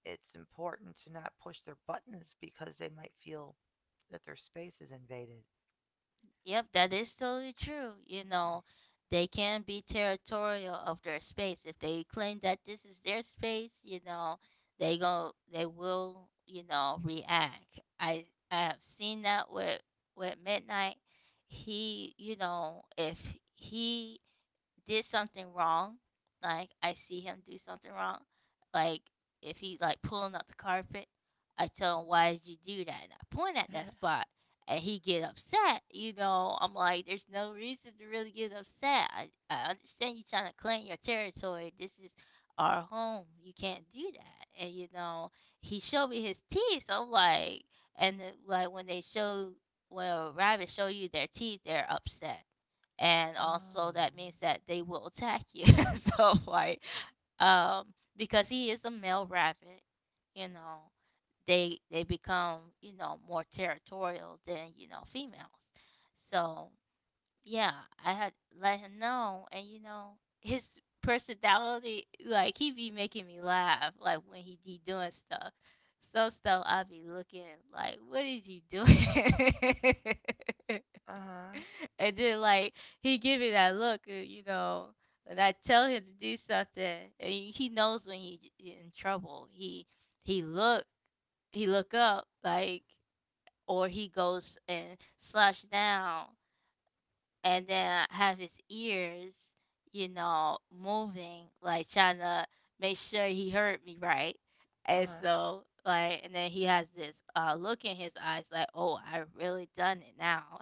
it's important to not push their buttons because they might feel that their space is invaded. yep, that is totally true. You know, they can be territorial of their space. If they claim that this is their space, you know, they will, you know, react. I have seen that with Midnight. He, you know, if he did something wrong, like I see him do something wrong, like if he's like pulling up the carpet, I tell him why did you do that, and I point at that spot, and he get upset. You know, I'm like, there's no reason to really get upset. I understand you trying to claim your territory. This is our home. You can't do that. And you know, he showed me his teeth. I'm like, and then, like when they show when a rabbit show you their teeth, they're upset, and also Oh. that means that they will attack you. So like, um, because he is a male rabbit, you know, they become you know more territorial than you know females. So yeah, I had let him know, and you know his personality, like he be making me laugh, like when he be doing stuff. So stuff I be looking like, what is you doing? Uh huh. And then like he give me that look, you know, and I tell him to do something, and he knows when he in trouble. He he look he look up like, or he goes and slash down and then have his ears, you know, moving, like trying to make sure he heard me right. Uh And huh. so, like, and then he has this look in his eyes, like, "Oh, I really done it now."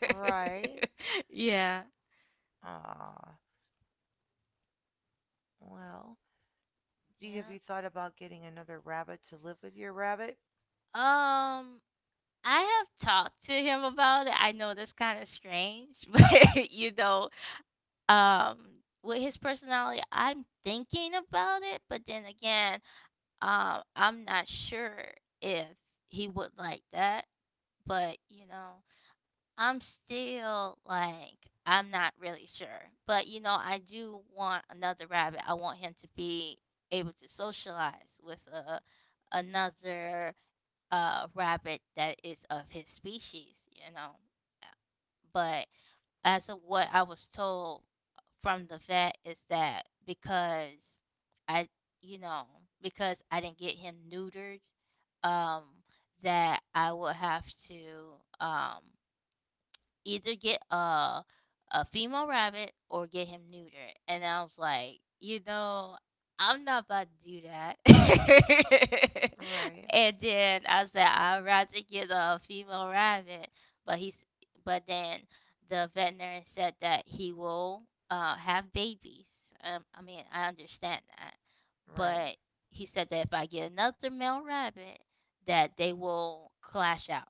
Right. Yeah, Ah. Well, do you, have yeah. you thought about getting another rabbit to live with your rabbit? Um, I have talked to him about it. I know that's kind of strange, but you know, um, with his personality, I'm thinking about it. But then again, I'm not sure if he would like that, but you know, I'm still like I'm not really sure. But you know, I do want another rabbit. I want him to be able to socialize with a another rabbit that is of his species, you know. Uh, But as of what I was told from the vet is that because I, you know, because I didn't get him neutered, um, that I will have to either get a female rabbit or get him neutered. And I was like, you know, I'm not about to do that. Right. And then I said, I'd rather get a female rabbit. But he's but then the veterinarian said that he will have babies. I mean, I understand that, Right. but he said that if I get another male rabbit, that they will clash out.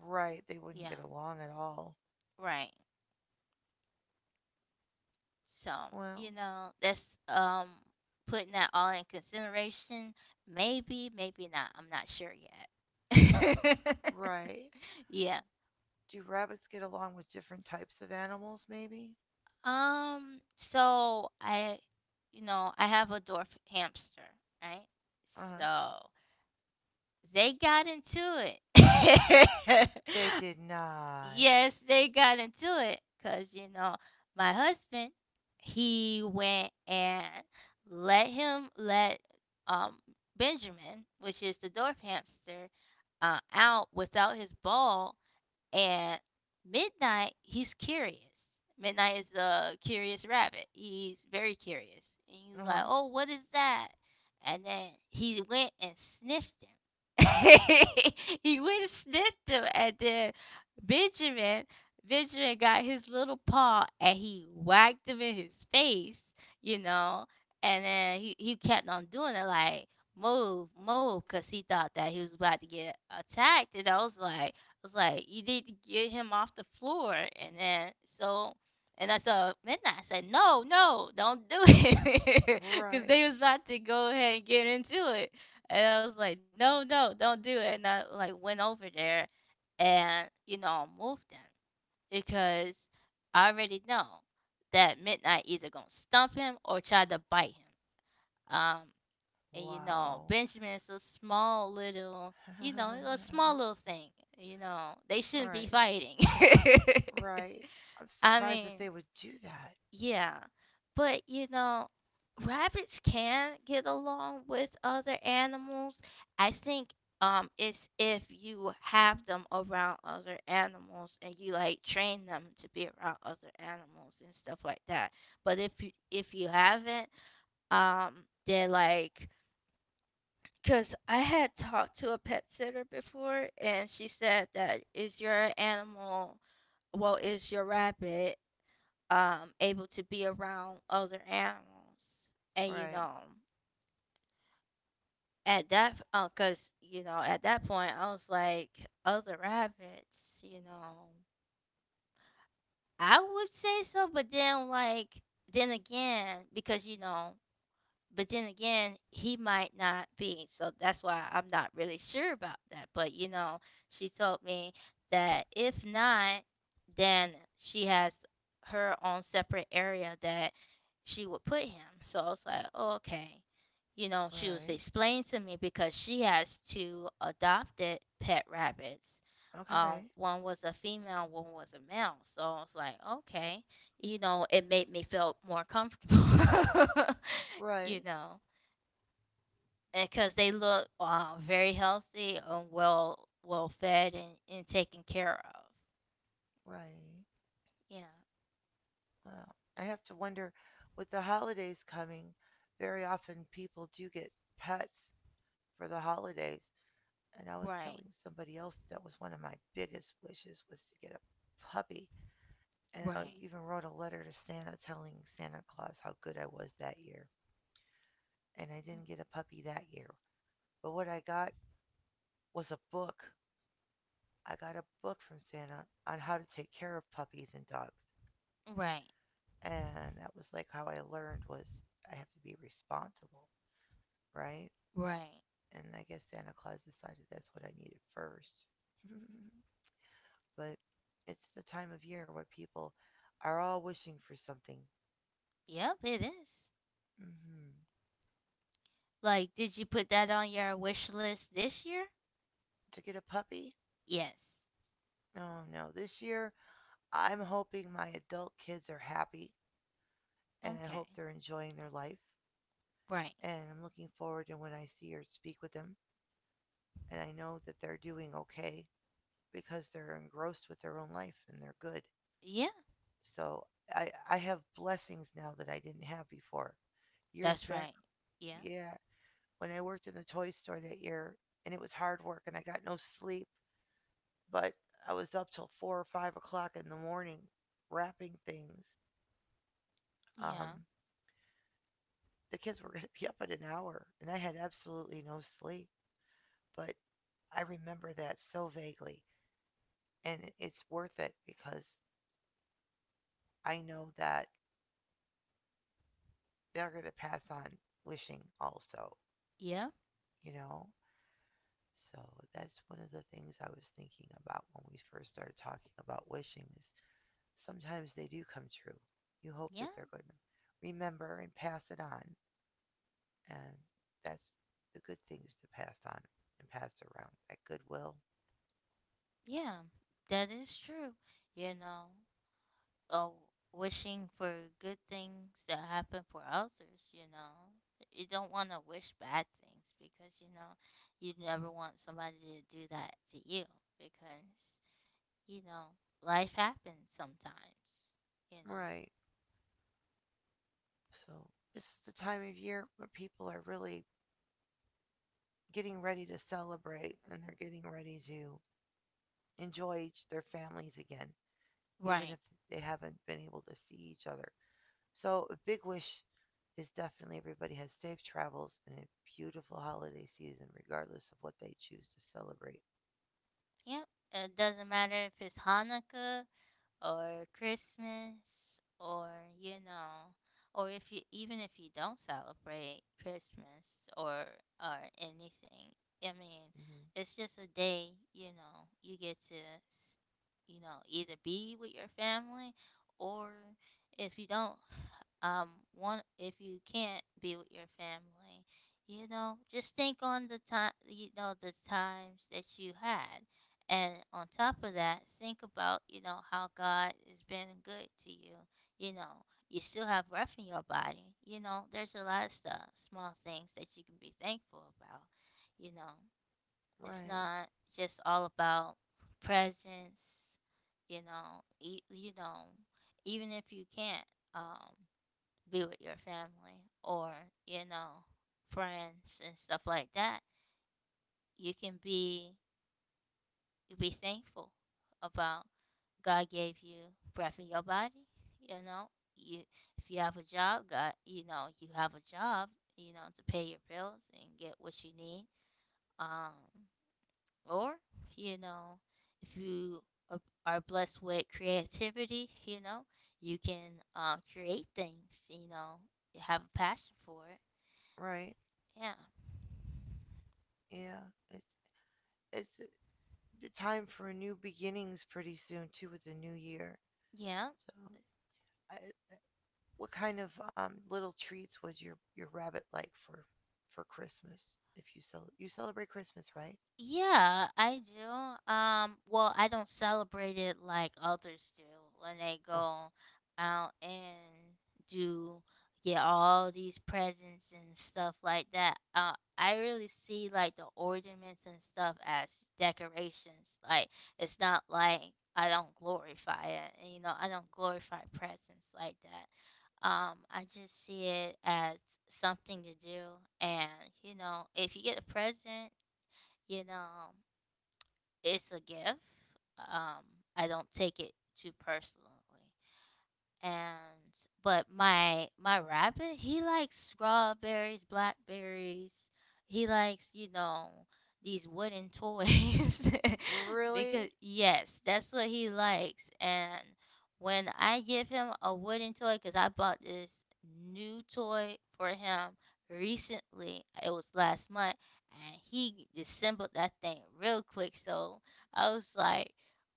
Right. They wouldn't Yeah, get along at all. right. So, you Well, know, that's putting that all in consideration. Maybe, maybe not. I'm not sure yet. right. Yeah. Do rabbits get along with different types of animals, maybe? So I, you know, I have a dwarf hamster, right? Uh huh. So they got into it. They did not. Yes, they got into it because, you know, my husband, he went and let him let um, Benjamin, which is the dwarf hamster, out without his ball. And Midnight, he's curious. Midnight is the curious rabbit. He's very curious. And he was Uh like, huh. oh, what is that? And then he went and sniffed him. He went and sniffed him. And then Benjamin, Benjamin got his little paw and he whacked him in his face, you know. And then he kept on doing it like, move, move, because he thought that he was about to get attacked. And I was like, "You need to get him off the floor." And then so, and I said, midnight. I said, "No, no, don't do it," because they Right. was about to go ahead and get into it. And I was like, "No, no, don't do it." And I like went over there and you know moved him because I already know that midnight either gonna stump him or try to bite him. Um, and you know Wow. benjamin's a small little you know a small little thing, you know they shouldn't be Right. fighting. Right. I'm I surprised that mean, they would do that. yeah, but you know rabbits can get along with other animals, I think, it's if you have them around other animals and you like train them to be around other animals and stuff like that. But if you haven't, um they're like, 'cause I had talked to a pet sitter before, and she said that is your animal, well, is your rabbit, able to be around other animals?" And, you Right. know, at that cause you know, at that point, I was like, "Other rabbits?" You know? I would say so, but then, like then again, because, you know, but then again, he might not be. So that's why I'm not really sure about that. But you know, she told me that if not, then she has her own separate area that she would put him. So I was like, oh, okay. You know, she was Right. explaining to me because she has two adopted pet rabbits. Okay. One was a female, one was a male. So I was like, okay. You know, it made me feel more comfortable. Right. You know, because they look very healthy and well fed and taken care of. Right. Yeah, Well, I have to wonder, with the holidays coming, very often people do get pets for the holidays. And I was right, telling somebody else that was one of my biggest wishes was to get a puppy. And I right, even wrote a letter to Santa, telling Santa Claus how good I was that year. And I didn't get a puppy that year. But what I got was a book. I got a book from Santa on how to take care of puppies and dogs. right, And that was like how I learned was I have to be responsible, right? right. And I guess Santa Claus decided that's what I needed first. But it's the time of year where people are all wishing for something. Yep, it is. Hmm. Like, did you put that on your wish list this year? To get a puppy? Yes. No, no. This year, I'm hoping my adult kids are happy and I Okay. hope they're enjoying their life. Right. And I'm looking forward to when I see or speak with them. And I know that they're doing okay because they're engrossed with their own life and they're good. Yeah, So I have blessings now that I didn't have before. Years that's back, right. Yeah, yeah, when I worked in the toy store that year, and it was hard work, and I got no sleep, but I was up till 4 or 5 o'clock in the morning wrapping things. yeah, Um, the kids were going to be up in an hour, and I had absolutely no sleep, but I remember that so vaguely, and it's worth it because I know that they're going to pass on wishing also, yeah, you know? So that's one of the things I was thinking about when we first started talking about wishing is sometimes they do come true. You hope yeah, that they're going to remember and pass it on. And that's the good things to pass on and pass around that goodwill. yeah. That is true. You know, oh, wishing for good things that happen for others, you know. You don't want to wish bad things because, you know, you never want somebody to do that to you, because, you know, life happens sometimes, you know. Right. So this is the time of year where people are really getting ready to celebrate and they're getting ready to enjoy each, their families again, even Right. if they haven't been able to see each other. So a big wish is definitely everybody has safe travels and a beautiful holiday season, regardless of what they choose to celebrate. Yep. It doesn't matter if it's Hanukkah or Christmas or you know or if you even if you don't celebrate Christmas or anything, I mean, Mhm. it's just a day, you know, you get to you know either be with your family or if you don't um want if you can't be with your family, you know just think on the time, you know the times that you had, and on top of that, think about, you know, how God has been good to you. You know, you still have breath in your body. You know, there's a lot of stuff, small things that you can be thankful about. You know, it's Right, not just all about presents, you know, you know, even if you can't um be with your family or, you know, friends and stuff like that, you can be you be thankful about God gave you breath in your body. You know, you if you have a job, God, you know, you have a job, you know, to pay your bills and get what you need. Um, or you know, if you are blessed with creativity, you know, you can create things. You know, have a passion for it. right. Yeah, Yeah. It's it's uh, the time for new beginnings pretty soon too with the new year. yeah. So, I, what kind of little treats was your rabbit like for Christmas? If you celebrate Christmas, right? Yeah, I do. Well, I don't celebrate it like others do when they Oh, go out and do get all these presents and stuff like that. I really see like the ornaments and stuff as decorations. Like it's not like I don't glorify it, and you know, I don't glorify presents like that. I just see it as something to do, and you know, if you get a present, you know, it's a gift. Um, I don't take it too personally, and but my rabbit, he likes strawberries, blackberries, he likes you know these wooden toys. really? Because yes that's what he likes, and when I give him a wooden toy, because I bought this new toy for him recently, it was last month, and he disassembled that thing real quick. So I was like,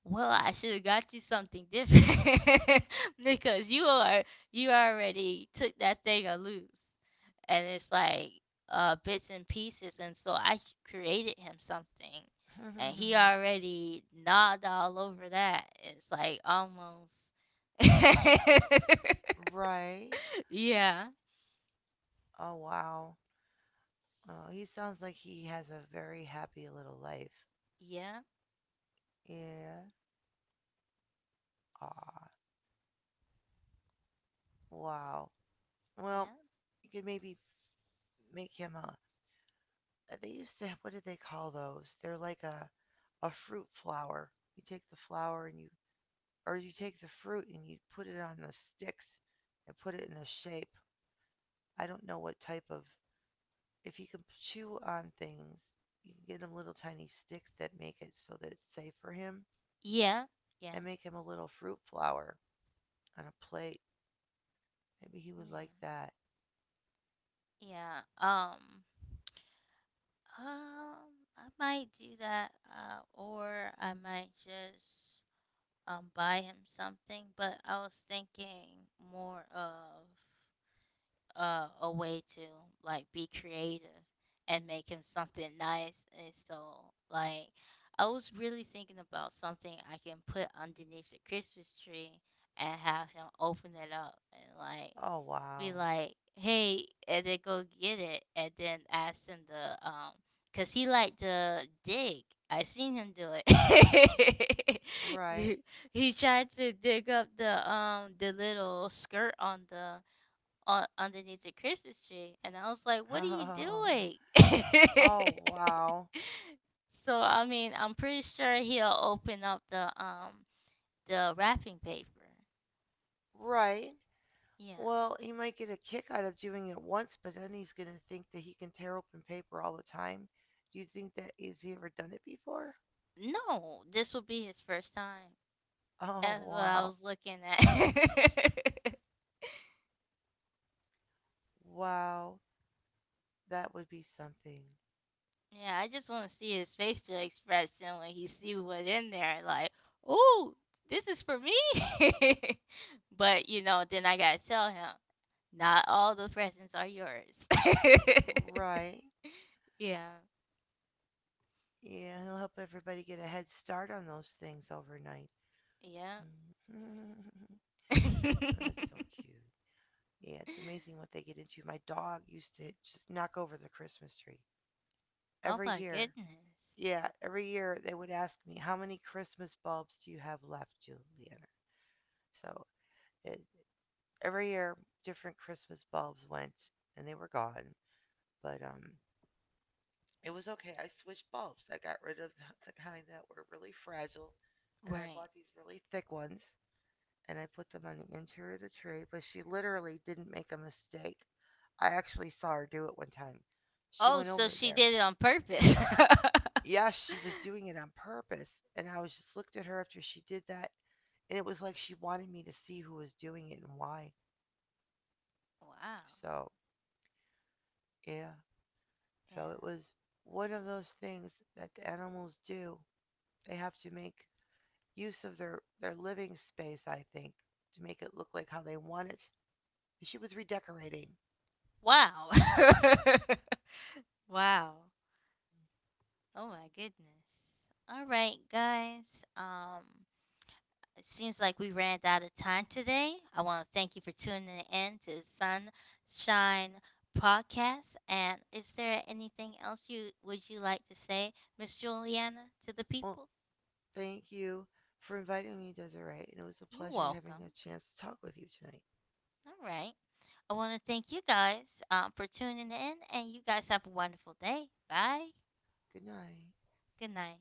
well, I should have got you something different, because you are you already took that thing a loose, and it's like bits and pieces. And so I created him something, and he already gnawed all over that. It's like almost, yeah, Right. yeah, Oh, wow. Oh, he sounds like he has a very happy little life. Yeah. Aw. Wow. Well, yeah, you could maybe make him a they used to what did they call those? They're like a fruit flower. You take the flower and you, or you take the fruit and you put it on the sticks and put it in a shape. I don't know what type of, if you can chew on things, you can get him little tiny sticks that make it so that it's safe for him, yeah, yeah, yeah, and make him a little fruit flower on a plate. Maybe he would like that. yeah. Um. I might do that, or I might just buy him something. But I was thinking more of a way to like be creative and make him something nice. And so like I was really thinking about something I can put underneath the Christmas tree and have him open it up and like Oh be wow. like, "Hey," and then go get it, and then ask him to cause he like to dig. I seen him do it. Right. he, he tried to dig up the little skirt on the on underneath the Christmas tree, and I was like, "What are you Oh, doing?" oh wow. So I mean, I'm pretty sure he'll open up the wrapping paper. Right. Yeah. Well, he might get a kick out of doing it once, but then he's going to think that he can tear open paper all the time. Do you think that, has he ever done it before? No, this will be his first time. Oh, That's what I wow. was looking at. Wow. That would be something. Yeah, I just want to see his facial expression when he see what in there. Like, oh, this is for me. But you know, then I gotta tell him, not all the presents are yours. Right. Yeah, Yeah, he'll help everybody get a head start on those things overnight. yeah. Oh, that's so cute. Yeah, it's amazing what they get into. My dog used to just knock over the Christmas tree Oh every my year. goodness. Yeah, every year they would ask me, "How many Christmas bulbs do you have left, Juliana?" So it, every year, different Christmas bulbs went, and they were gone. But it was okay. I switched bulbs. I got rid of the kind that were really fragile, and I Right. bought these really thick ones, and I put them on the interior of the tree. But she literally didn't make a mistake. I actually saw her do it one time. She Oh, went so over she there. did it on purpose. Yeah, she was doing it on purpose. And I was just looked at her after she did that. And it was like she wanted me to see who was doing it and why. Wow. So, yeah. Yeah. So it was one of those things that the animals do. They have to make use of their living space, I think, to make it look like how they want it. And she was redecorating. Wow. Wow. Oh my goodness. All right, guys. Um, it seems like we ran out of time today. I want to thank you for tuning in to the Sunshine Podcast. And is there anything else you would you like to say, Miss Juliana, to the Well, people? thank you for inviting me, Desiree. And it was a You're pleasure having a welcome. chance to talk with you tonight. All right. I want to thank you guys for tuning in, and you guys have a wonderful day. Bye. Good night. Good night.